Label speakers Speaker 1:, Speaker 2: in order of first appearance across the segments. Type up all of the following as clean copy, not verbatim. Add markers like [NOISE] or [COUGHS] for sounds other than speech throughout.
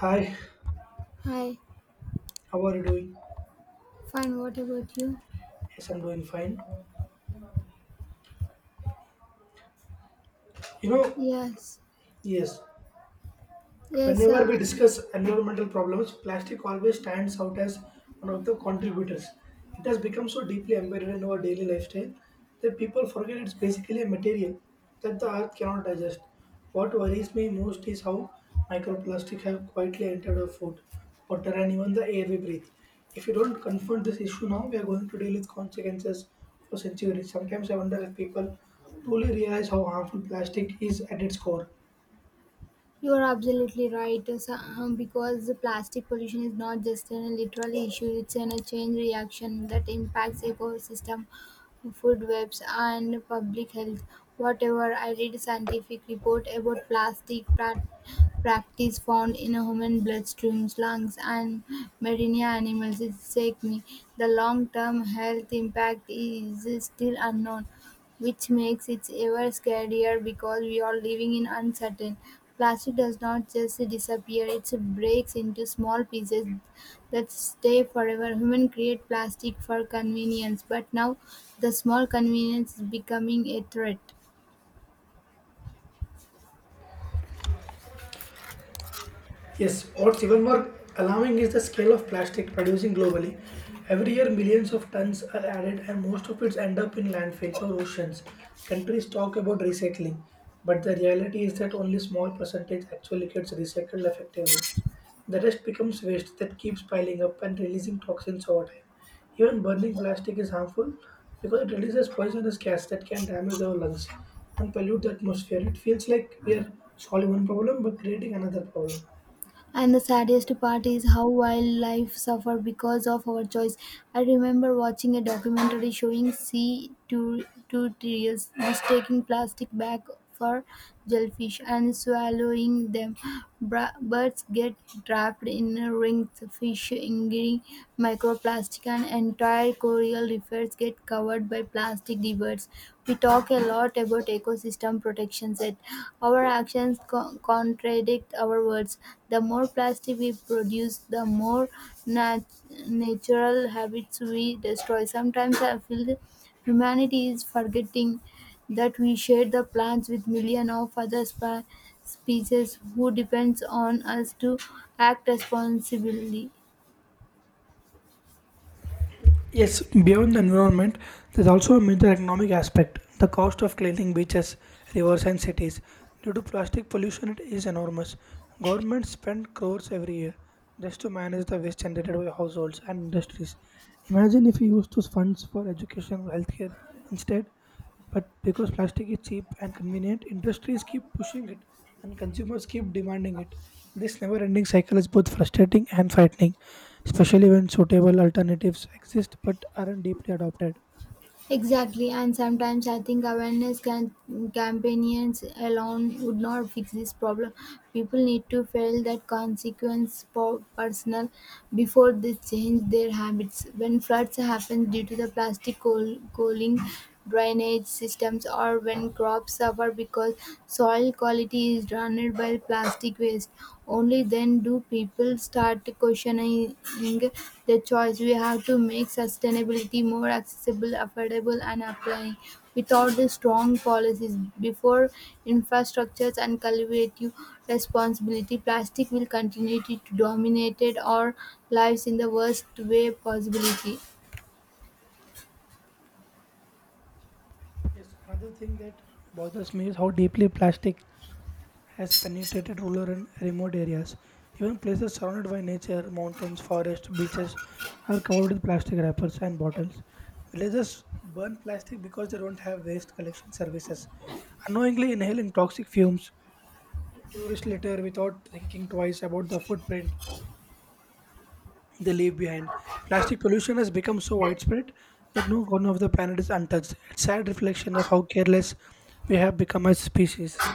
Speaker 1: Hi,
Speaker 2: Hi,
Speaker 1: how are you doing?
Speaker 2: fine. What about you?
Speaker 1: Yes, I'm doing fine. You know,
Speaker 2: Yes,
Speaker 1: yes,
Speaker 2: yes,
Speaker 1: whenever we discuss environmental problems, plastic always stands out as one of the contributors. It has become so deeply embedded in our daily lifestyle that people forget it's basically a material that the earth cannot digest. What worries me most is how microplastic have quietly entered our food, water, and even the air we breathe. If we don't confront this issue now, we are going to deal with consequences for centuries. Sometimes I wonder if people truly realize how harmful plastic is at its core.
Speaker 2: you are absolutely right. Because the plastic pollution is not just an literal issue; it's a chain reaction that impacts ecosystem, food webs, and public health. Whatever I read, a scientific report about practice found in human bloodstreams, lungs, and marine animals. It take me. The long-term health impact is still unknown, which makes it ever scarier because we are living in uncertain. Plastic does not just disappear, it breaks into small pieces that stay forever. Human create plastic for convenience, but now the small convenience is becoming a threat.
Speaker 1: Yes, what's even more alarming is the scale of plastic producing globally. Every year, millions of tons are added, and most of it end up in landfills or oceans. Countries talk about recycling, but the reality is that only small percentage actually gets recycled effectively. The rest becomes waste that keeps piling up and releasing toxins over time. Even burning plastic is harmful because it releases poisonous gas that can damage our lungs and pollute the atmosphere. It feels like we are solving one problem but creating another problem.
Speaker 2: And the saddest part is how wildlife suffer because of our choice. I remember watching a documentary showing sea turtles mistaking plastic bag for jellyfish and swallowing them. Birds get trapped in rings, fish ingering microplastic, and entire coral reefs get covered by plastic diverts. We talk a lot about ecosystem protection, yet our actions contradict our words. The more plastic we produce, the more natural habits we destroy. Sometimes I feel humanity is forgetting that we share the plants with millions of other species who depends on us to act responsibly.
Speaker 1: Yes, beyond the environment, there's also a major economic aspect. The cost of cleaning beaches, rivers, and cities due to plastic pollution is enormous. Governments spend crores every year just to manage the waste generated by households and industries. Imagine if we use those funds for education or healthcare instead. But because plastic is cheap and convenient, industries keep pushing it and consumers keep demanding it. This never ending cycle is both frustrating and frightening, especially when suitable alternatives exist but aren't deeply adopted.
Speaker 2: Exactly, and sometimes I think awareness can campaigns alone would not fix this problem. People need to feel that consequence personal before they change their habits. When floods happen due to the plastic coaling, drainage systems or when crops suffer because soil quality is drowned by plastic waste. Only then do people start questioning the choice. We have to make sustainability more accessible, affordable, and applying. Without the strong policies before infrastructures and collective responsibility, plastic will continue to dominate our lives in the worst way possibility.
Speaker 1: Yes, another thing that bothers me is how deeply plastic has penetrated rural and remote areas. Even places surrounded by nature, mountains, forests, beaches are covered with plastic wrappers and bottles. Villagers burn plastic because they don't have waste collection services, unknowingly inhaling toxic fumes. Tourists litter without thinking twice about the footprint they leave behind. Plastic pollution has become so widespread that no corner of the planet is untouched. It's a sad reflection of how careless we have become as species.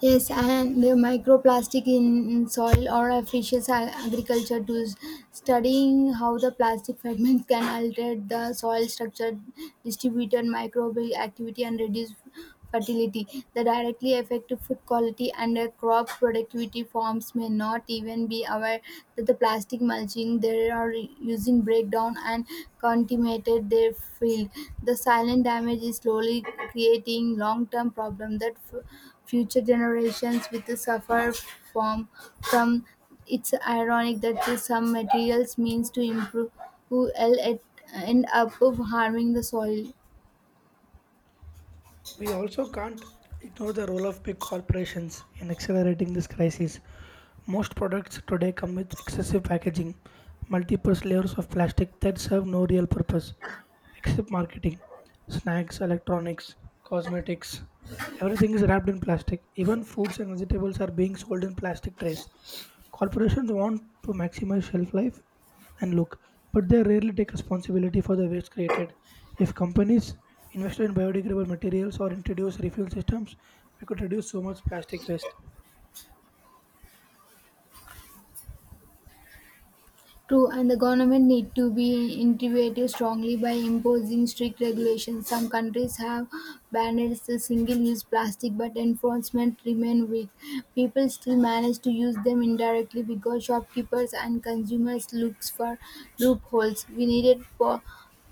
Speaker 2: Yes, and the microplastic in soil or a fishes agriculture tools, studying how the plastic fragments can alter the soil structure, distributed microbial activity, and reduce fertility. The directly affect to food quality and crop productivity. Farms may not even be aware that the plastic mulching they are using breakdown and contaminated their field. The silent damage is slowly creating long-term problem that. Future generations will suffer from. from it's ironic that the some materials means to improve will end up of harming the soil.
Speaker 1: We also can't ignore the role of big corporations in accelerating this crisis. Most products today come with excessive packaging, multiple layers of plastic that serve no real purpose except marketing. Snacks, electronics, cosmetics, everything is wrapped in plastic. Even fruits and vegetables are being sold in plastic trays. Corporations want to maximize shelf life and look, but they rarely take responsibility for the waste created. If companies invested in biodegradable materials or introduced refuel systems, we could reduce so much plastic waste.
Speaker 2: True, and the government need to be intervened strongly by imposing strict regulations. Some countries have banned the single-use plastic, but enforcement remain weak. People still manage to use them indirectly because shopkeepers and consumers looks for loopholes. We needed po-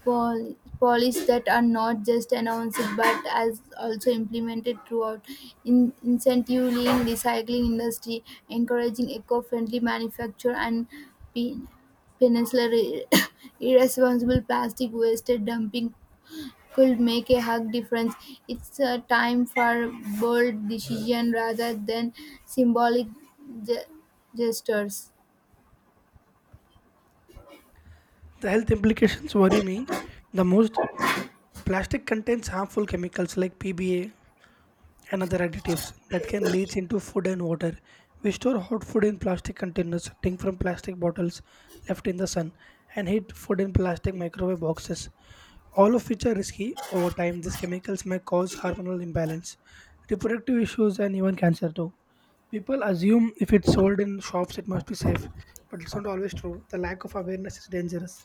Speaker 2: pol- policies that are not just announced but as also implemented throughout in incentivizing recycling industry encouraging eco-friendly manufacture and be. Peninsular ir- [COUGHS] [LAUGHS] irresponsible plastic waste dumping could make a hug difference. It's a time for bold decision rather than symbolic ge- gestures.
Speaker 1: The health implications worry me the most. Plastic contains harmful chemicals like PBA, another additives that can leach into food and water. We store hot food in plastic containers, drink from plastic bottles left in the sun, and heat food in plastic microwave boxes. All of which are risky. Over time, these chemicals may cause hormonal imbalance, reproductive issues, and even cancer too. People assume if it's sold in shops, it must be safe, but it's not always true. The lack of awareness is dangerous.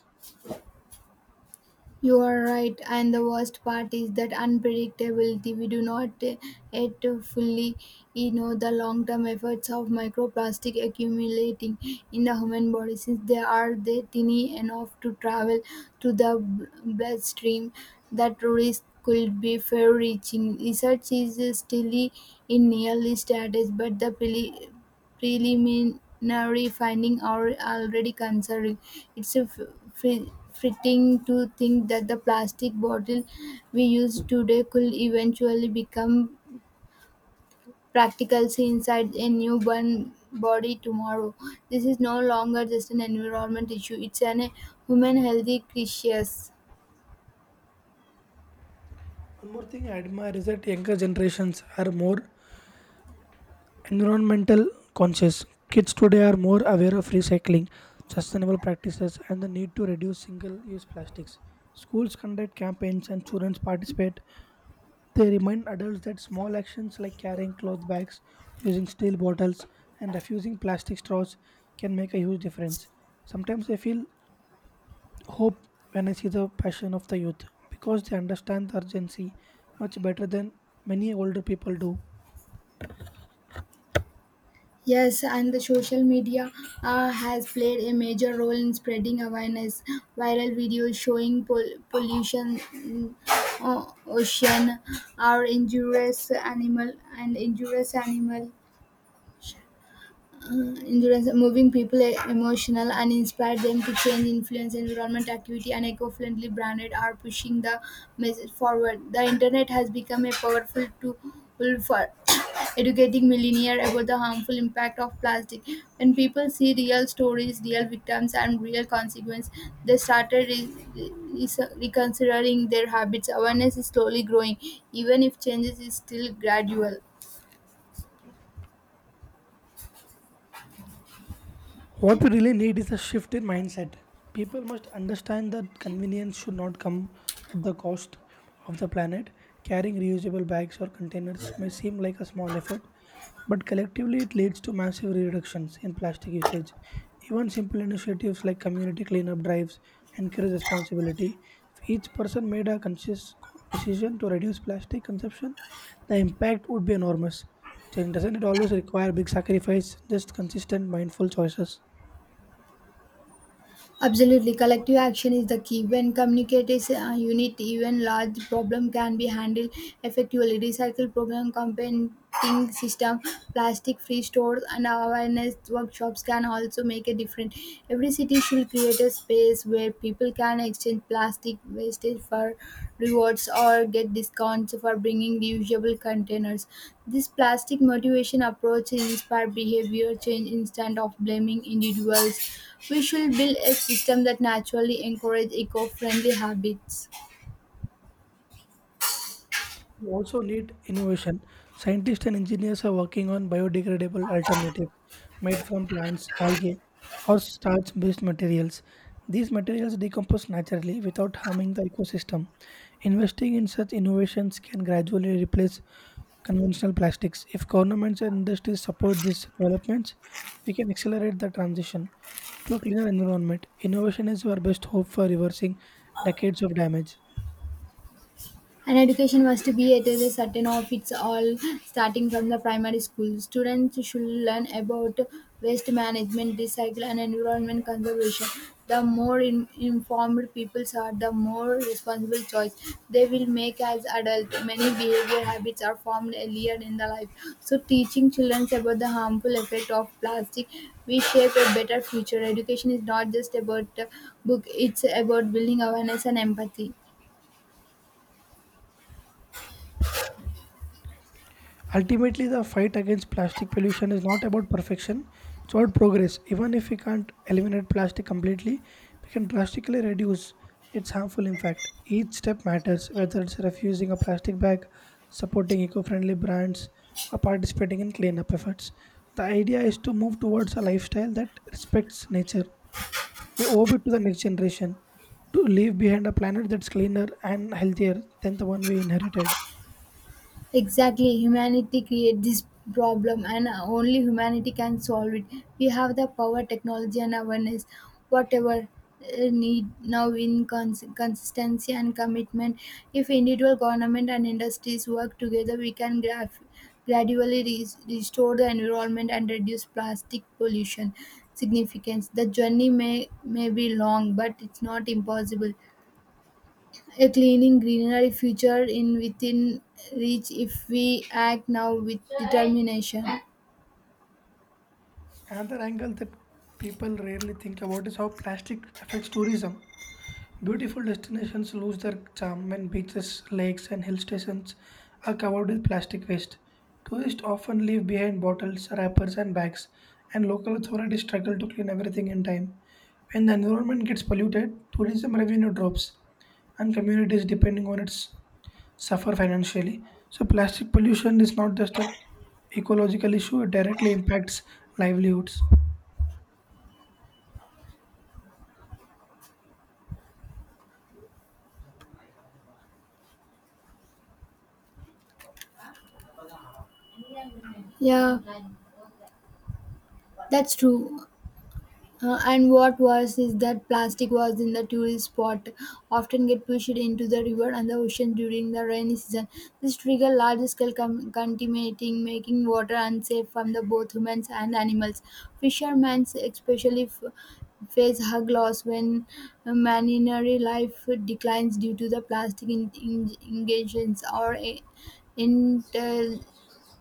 Speaker 2: You are right, and the worst part is that unpredictability. We do not yet fully you know the long term effects of microplastic accumulating in the human body since they tiny enough to travel to the bloodstream. That risk could be far reaching. Research is still in early stages, but the preliminary findings are already concerning. It's a fitting to think that the plastic bottle we use today could eventually become practicals inside a newborn body tomorrow. This is no longer just an environment issue, it's an human healthy crisis.
Speaker 1: One more thing I admire is that younger generations are more environmental conscious. Kids today are more aware of recycling, sustainable practices, and the need to reduce single use plastics. Schools conduct campaigns and students participate. They remind adults that small actions like carrying cloth bags, using steel bottles, and refusing plastic straws can make a huge difference. Sometimes I feel hope when I see the passion of the youth, because they understand the urgency much better than many older people do.
Speaker 2: Yes, and the social media has played a major role in spreading awareness. Viral videos showing pollution, ocean, or injurious animal endurance moving people emotional and inspire them to change influence environment activity and eco-friendly branded are pushing the message forward. The internet has become a powerful tool for [COUGHS] educating millennials about the harmful impact of plastic. When people see real stories, real victims and real consequences, they started re- reconsidering their habits. Awareness is slowly growing even if changes is still gradual.
Speaker 1: What we really need is a shift in mindset. People must understand that convenience should not come at the cost of the planet. Carrying reusable bags or containers may seem like a small effort, but collectively it leads to massive reductions in plastic usage. Even simple initiatives like community cleanup drives encourage responsibility. If each person made a conscious decision to reduce plastic consumption, the impact would be enormous. Change doesn't it always require big sacrifice, just consistent, mindful choices?
Speaker 2: Absolutely, collective action is the key. When communicates a unit, even large problem can be handled effectively. Recycle program, compenting system, plastic-free stores, and awareness workshops can also make a difference. Every city should create a space where people can exchange plastic wastage for rewards or get discounts for bringing reusable containers. This plastic motivation approach inspires behavior change instead of blaming individuals. We should build a system that naturally encourages eco friendly habits.
Speaker 1: We also need innovation. Scientists and engineers are working on biodegradable alternatives made from plants, algae, or starch based materials. These materials decompose naturally without harming the ecosystem. Investing in such innovations can gradually replace conventional plastics. If governments and industries support these developments, we can accelerate the transition to a cleaner environment. Innovation is our best hope for reversing decades of damage.
Speaker 2: And education was to be at a certain of its all, starting from the primary school. Students should learn about waste management, recycle, and environment conservation. The more informed people are, the more responsible choice they will make as adults. Many behavior habits are formed earlier in the life. So, teaching children about the harmful effect of plastic, we shape a better future. Education is not just about book; it's about building awareness and empathy.
Speaker 1: Ultimately, the fight against plastic pollution is not about perfection, it's about progress. Even if we can't eliminate plastic completely, we can drastically reduce its harmful impact. Each step matters, whether it's refusing a plastic bag, supporting eco friendly brands, or participating in cleanup efforts. The idea is to move towards a lifestyle that respects nature. We owe it to the next generation to leave behind a planet that's cleaner and healthier than the one we inherited.
Speaker 2: Exactly, humanity created this problem and only humanity can solve it. We have the power, technology, and awareness, whatever need now in consistency and commitment. If individual government and industries work together, we can gradually restore the environment and reduce plastic pollution significance. The journey may be long, but it's not impossible. A cleaning greenery future in within reach if we act now with determination.
Speaker 1: Another angle that people rarely think about is how plastic affects tourism. Beautiful destinations lose their charm when beaches, lakes, and hill stations are covered with plastic waste. Tourists often leave behind bottles, wrappers, and bags, and local authorities struggle to clean everything in time. When the environment gets polluted, tourism revenue drops, and communities depending on it suffer financially. So, plastic pollution is not just an ecological issue, it directly impacts livelihoods.
Speaker 2: Yeah, that's true. And what worse is that plastic was in the tourist spot often get pushed into the river and the ocean during the rainy season. This trigger large scale contaminating, making water unsafe from the both humans and animals. Fishermen especially face hug loss when marinary life declines due to the plastic engagements or inter-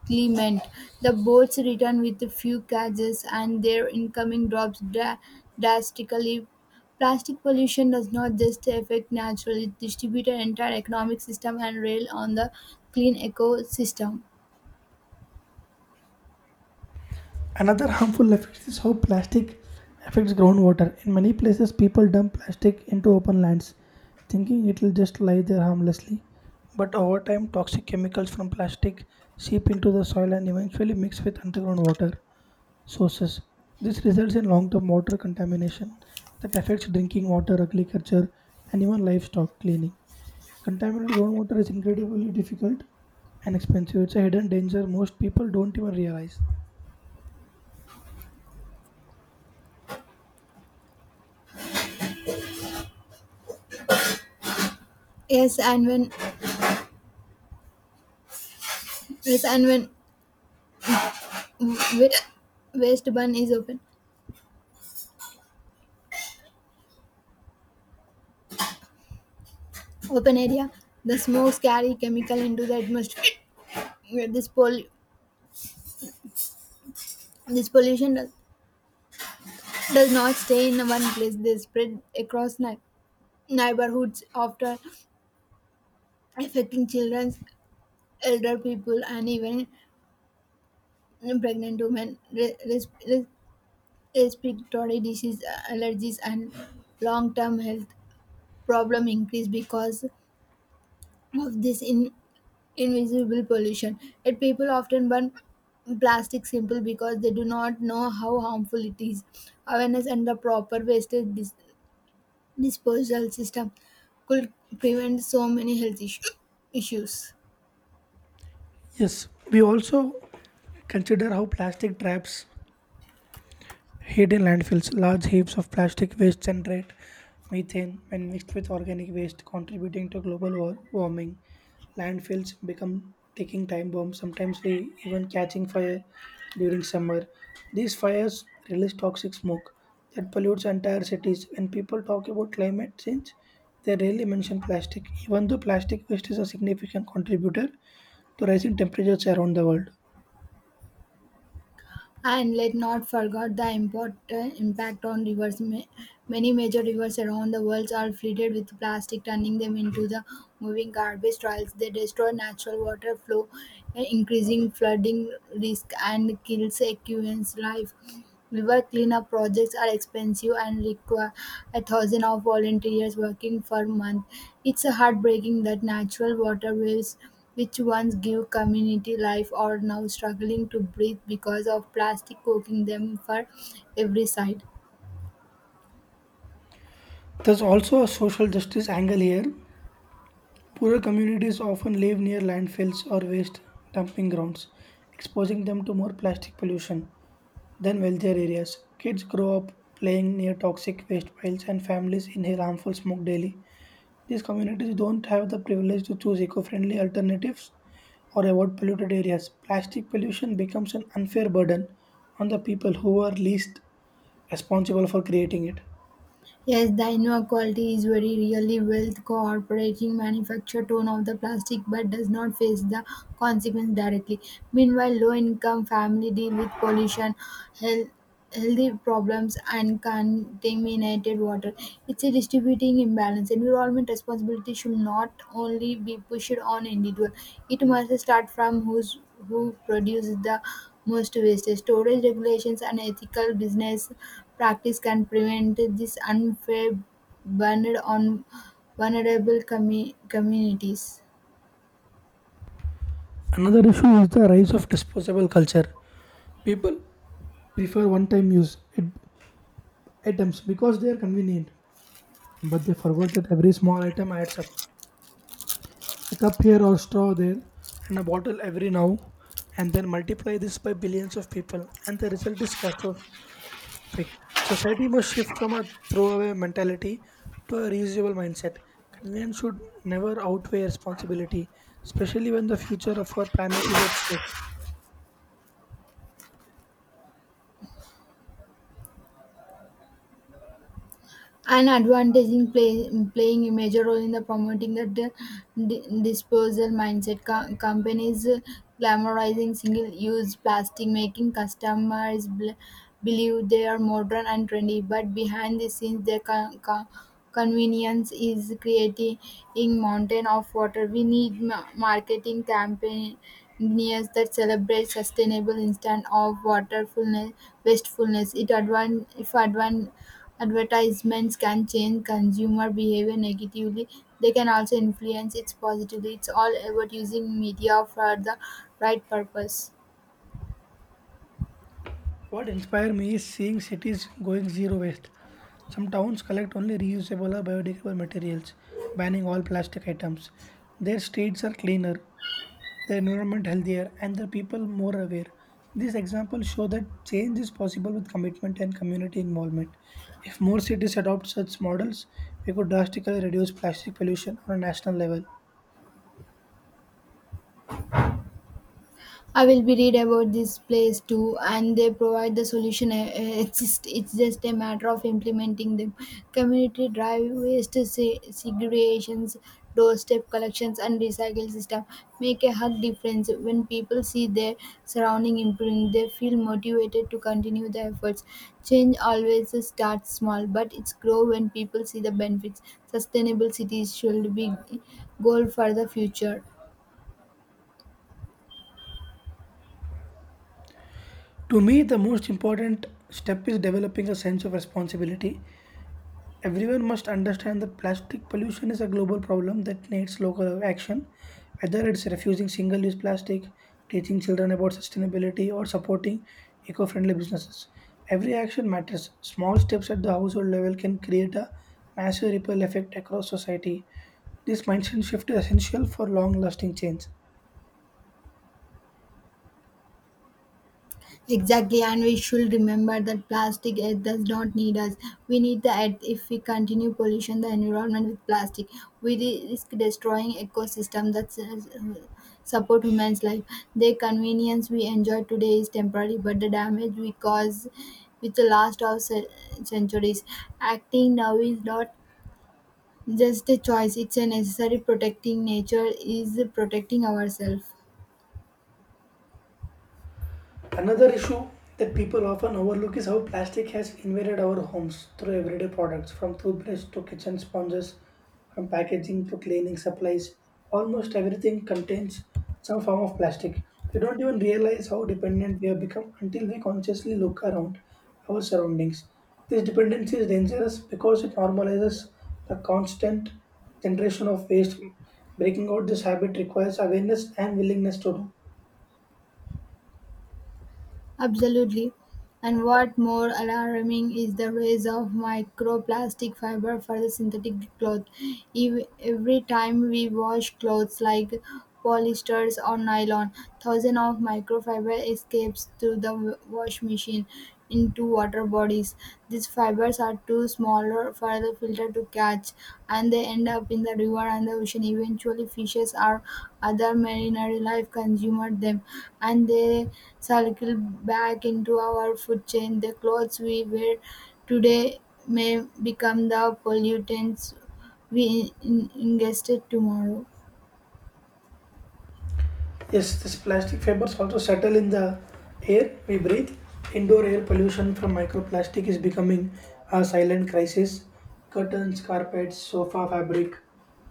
Speaker 2: Clement. The boats return with few catches and their incoming drops drastically. Plastic pollution does not just affect natural, it distributes an entire economic system and rail on the clean ecosystem.
Speaker 1: Another harmful effect is how plastic affects groundwater. In many places, people dump plastic into open lands, thinking it will just lie there harmlessly. But over time, toxic chemicals from plastic seep into the soil and eventually mix with underground water sources. This results in long term water contamination that affects drinking water, agriculture, and even livestock cleaning. Contaminated groundwater is incredibly difficult and expensive. It's a hidden danger most people don't even realize.
Speaker 2: Yes, and when yes, and when wa- waste burn is open area, the smokes carry chemical into the atmosphere. This pol- this pollution does not stay in one place; they spread across neighborhoods after affecting children, elder people, and even pregnant women. Respiratory disease, allergies, and long-term health problem increase because of this invisible pollution. Yet people often burn plastic simple because they do not know how harmful it is. Awareness and the proper wastage disposal system could prevent so many issues.
Speaker 1: Yes, we also consider how plastic traps hid in landfills. Large heaps of plastic waste generate methane when mixed with organic waste, contributing to global warming. Landfills become ticking time bombs, sometimes we even catching fire during summer. These fires release toxic smoke that pollutes entire cities. When people talk about climate change, they rarely mention plastic, even though plastic waste is a significant contributor to rising temperatures around the world.
Speaker 2: And let not forget the important impact on rivers. Many major rivers around the world are flooded with plastic, turning them into the moving garbage trails. They destroy natural water flow, increasing flooding risk and kills aquariums life. River cleanup projects are expensive and require a thousand of volunteers working for months. It's heartbreaking that natural waterways, which once give community life, are now struggling to breathe because of plastic cooking them for every side.
Speaker 1: There's also a social justice angle here. Poorer communities often live near landfills or waste dumping grounds, exposing them to more plastic pollution than wealthier areas. Kids grow up playing near toxic waste piles and families inhale harmful smoke daily. These communities don't have the privilege to choose eco friendly alternatives or avoid polluted areas. Plastic pollution becomes an unfair burden on the people who are least responsible for creating it.
Speaker 2: Yes, the inequality is very really wealth cooperating manufacture ton of the plastic but does not face the consequence directly. Meanwhile, low income family deal with pollution, health healthy problems and contaminated water. It's a distributing imbalance. Environment responsibility should not only be pushed on individual. It must start from who produces the most waste. Storage regulations and ethical business practice can prevent this unfair burden on vulnerable communities.
Speaker 1: Another issue is the rise of disposable culture. People prefer one-time use it, items because they are convenient, but they forgot that every small item adds up. A cup here or straw there, and a bottle every now, and then multiply this by billions of people, and the result is catastrophic. Society must shift from a throwaway mentality to a reusable mindset. Convenience should never outweigh responsibility, especially when the future of our planet is at stake.
Speaker 2: An advantage in playing a major role in the promoting the disposal mindset. Companies glamorizing single-use plastic, making customers believe they are modern and trendy, but behind the scenes, their convenience is creating mountain of water. We need marketing campaigns that celebrate sustainable instead of waterfulness wastefulness. It advan- if advan- Advertisements can change consumer behavior negatively; they can also influence it positively. It's all about using media for the right purpose.
Speaker 1: What inspired me is seeing cities going zero waste. Some towns collect only reusable or biodegradable materials, banning all plastic items. Their streets are cleaner, the environment healthier, and the people more aware. These examples show that change is possible with commitment and community involvement. If more cities adopt such models, we could drastically reduce plastic pollution on a national level.
Speaker 2: I will be read about this place too, and they provide the solution. It's it's just a matter of implementing them. Community drive, waste segregations, doorstep collections, and recycle system make a hug difference. When people see their surrounding improving, they feel motivated to continue the efforts. Change always starts small, but it's grow when people see the benefits. Sustainable cities should be goal for the future.
Speaker 1: To me, the most important step is developing a sense of responsibility. Everyone must understand that plastic pollution is a global problem that needs local action, whether it's refusing single use plastic, teaching children about sustainability, or supporting eco friendly businesses. Every action matters. Small steps at the household level can create a massive ripple effect across society. This mindset shift is essential for long lasting change.
Speaker 2: Exactly, and we should remember that plastic Earth does not need us. We need the Earth if we continue pollution the environment with plastic. We risk destroying ecosystem that support humans' life. The convenience we enjoy today is temporary, but the damage we cause with the last of centuries. Acting now is not just a choice; it's a necessary. Protecting nature is protecting ourselves.
Speaker 1: Another issue that people often overlook is how plastic has invaded our homes through everyday products, from toothbrush to kitchen sponges, from packaging to cleaning supplies. Almost everything contains some form of plastic. We don't even realize how dependent we have become until we consciously look around our surroundings. This dependency is dangerous because it normalizes the constant generation of waste. Breaking out this habit requires awareness and willingness to do.
Speaker 2: Absolutely. And what more alarming is the rise of microplastic fiber for the synthetic cloth. Every time we wash clothes like polyesters or nylon, thousands of microfiber escapes through the wash machine into water bodies. These fibers are too smaller for the filter to catch and they end up in the river and the ocean. Eventually, fishes or other marine life consumed them and they circle back into our food chain. The clothes we wear today may become the pollutants we ingested tomorrow.
Speaker 1: Yes, this plastic fibers also settle in the air we breathe. Indoor air pollution from microplastic is becoming a silent crisis. Curtains, carpets, sofa fabric,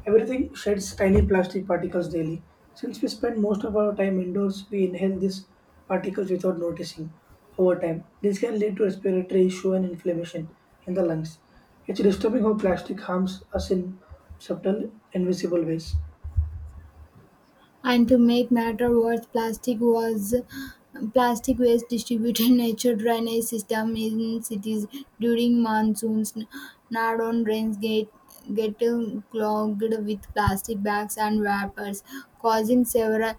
Speaker 1: everything sheds tiny plastic particles daily. Since we spend most of our time indoors, we inhale these particles without noticing over time. This can lead to respiratory issue and inflammation in the lungs. It's disturbing how plastic harms us in subtle, invisible ways.
Speaker 2: And to make matter worse, plastic waste distributed [LAUGHS] nature drainage system in cities during monsoons. Northern drains get clogged with plastic bags and wrappers, causing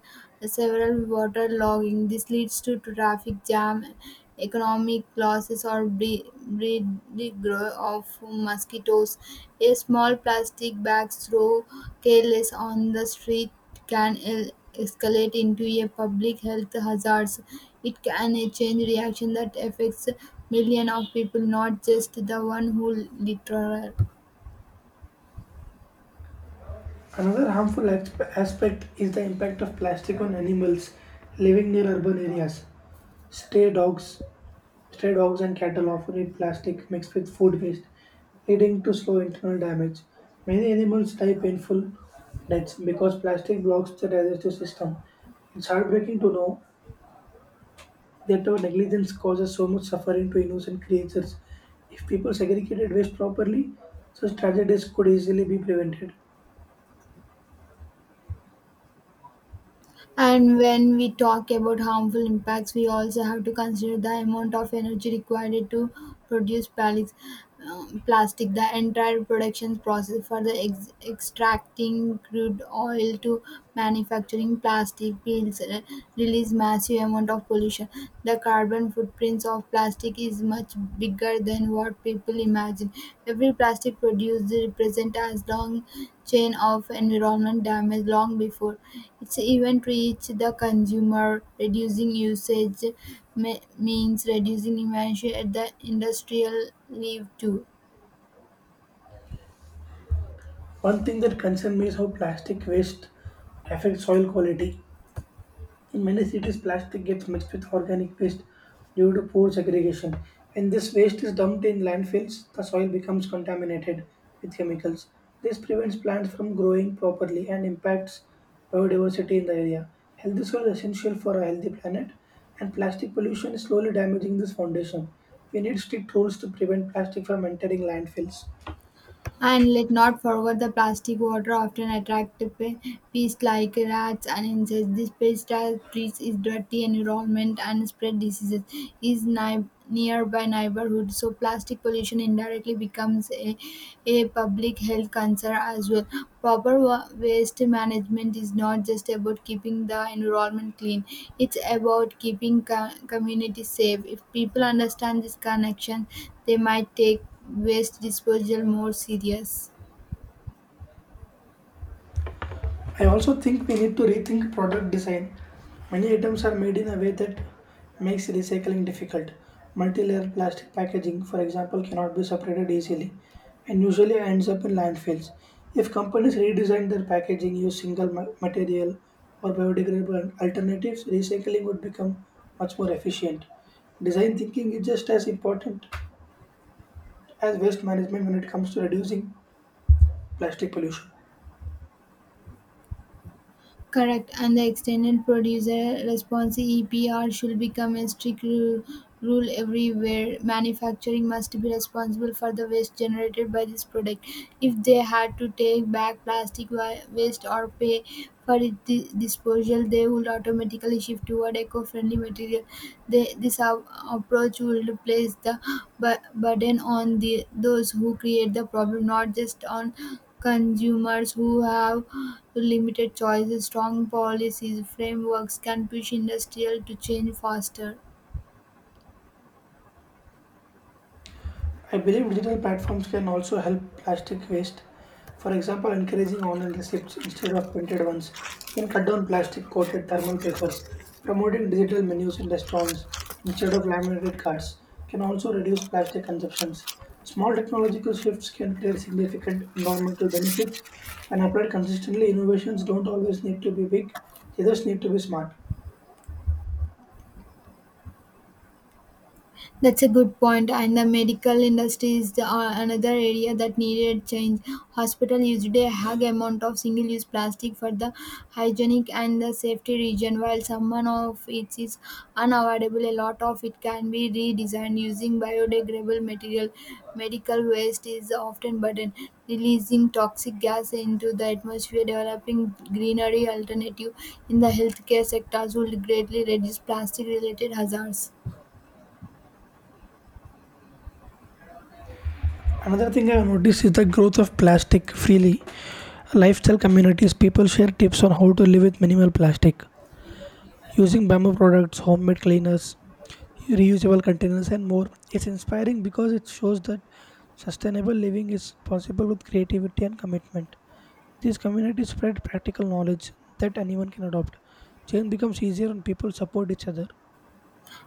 Speaker 2: several water logging. This leads to traffic jam economic losses or breeding grow of mosquitoes. A small plastic bag thrown careless on the street can escalate into a public health hazards. It can a chain reaction that affects millions of people, not just the one who litter.
Speaker 1: Another harmful aspect is the impact of plastic on animals living near urban areas. Stray dogs, stray dogs and cattle often eat plastic mixed with food waste, leading to slow internal damage. Many animals die painful deaths because plastic blocks the digestive system. It's heartbreaking to know that our negligence causes so much suffering to innocent creatures. If people segregated waste properly, such tragedies could easily be prevented.
Speaker 2: And when we talk about harmful impacts, we also have to consider the amount of energy required to produce plastic. The entire production process for the extracting crude oil to manufacturing plastic pills release massive amount of pollution. The carbon footprints of plastic is much bigger than what people imagine. Every plastic produced represent as long chain of environment damage long before its even reached the consumer. Reducing usage means reducing emissions at the industrial level too.
Speaker 1: One thing that concerns me is how plastic waste affects soil quality. In many cities, plastic gets mixed with organic waste due to poor segregation. When this waste is dumped in landfills, the soil becomes contaminated with chemicals. This prevents plants from growing properly and impacts biodiversity in the area. Healthy soil is essential for a healthy planet, and plastic pollution is slowly damaging this foundation. We need strict rules to prevent plastic from entering landfills.
Speaker 2: And let not forget the plastic water often attract pests like rats and insects. This pesticide treats is dirty environment and spread diseases is nearby neighborhood. So plastic pollution indirectly becomes a public health concern as well. Proper waste management is not just about keeping the environment clean. It's about keeping communities safe. If people understand this connection, they might take waste disposal more serious.
Speaker 1: I also think we need to rethink product design. Many items are made in a way that makes recycling difficult. Multi-layer plastic packaging, for example, cannot be separated easily and usually ends up in landfills. If companies redesign their packaging, use single material or biodegradable alternatives, recycling would become much more efficient. Design thinking is just as important as waste management when it comes to reducing plastic pollution.
Speaker 2: Correct, and the extended producer responsibility EPR should become a strict rule everywhere. Manufacturing must be responsible for the waste generated by this product. If they had to take back plastic waste or pay for its disposal, they would automatically shift toward eco-friendly material. They, this a- approach will place the burden on the those who create the problem, not just on Consumers who have limited choices, strong policies, frameworks can push industrial to change faster.
Speaker 1: I believe digital platforms can also help plastic waste. For example, encouraging online receipts instead of printed ones can cut down plastic coated thermal papers. Promoting digital menus in restaurants instead of laminated cards can also reduce plastic consumptions. Small technological shifts can create significant environmental benefits, and applied consistently, innovations don't always need to be big, they just need to be smart.
Speaker 2: That's a good point, and the medical industry is another area that needed change. Hospital used a high amount of single-use plastic for the hygienic and the safety reason. While some of it is unavoidable, a lot of it can be redesigned using biodegradable material. Medical waste is often burden, releasing toxic gas into the atmosphere. Developing greenery alternative in the healthcare sectors would greatly reduce plastic-related hazards.
Speaker 1: Another thing I've noticed is the growth of plastic freely. Lifestyle communities, people share tips on how to live with minimal plastic, using bamboo products, homemade cleaners, reusable containers, and more. It's inspiring because it shows that sustainable living is possible with creativity and commitment. These communities spread practical knowledge that anyone can adopt. Change becomes easier when people support each other.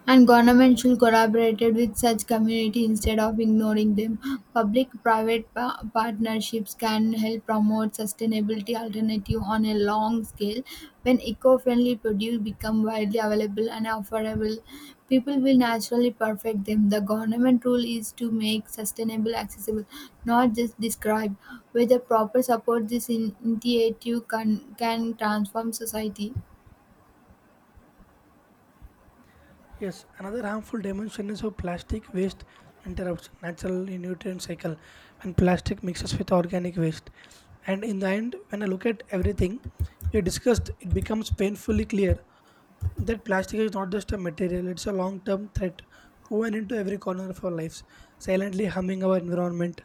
Speaker 2: And government should collaborate with such community instead of ignoring them. Public-private partnerships can help promote sustainability alternative on a long scale. When eco-friendly produce become widely available and affordable, people will naturally perfect them. The government role is to make sustainable accessible, not just describe. With the proper support, this initiative can transform society.
Speaker 1: Yes, another harmful dimension is how plastic waste interrupts natural nutrient cycle when plastic mixes with organic waste. And in the end, when I look at everything we discussed, it becomes painfully clear that plastic is not just a material, it's a long term threat woven into every corner of our lives, silently harming our environment,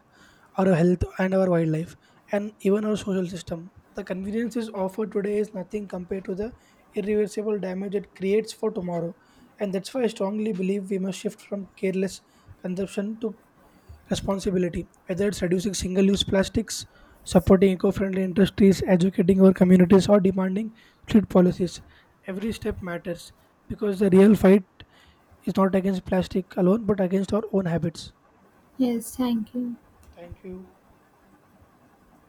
Speaker 1: our health, and our wildlife, and even our social system. The conveniences offered today is nothing compared to the irreversible damage it creates for tomorrow, and that's why I strongly believe we must shift from careless consumption to responsibility, whether it's reducing single use plastics, supporting eco friendly industries, educating our communities, or demanding strict policies. Every step matters because the real fight is not against plastic alone but against our own habits.
Speaker 2: Yes, thank you.
Speaker 1: Thank you.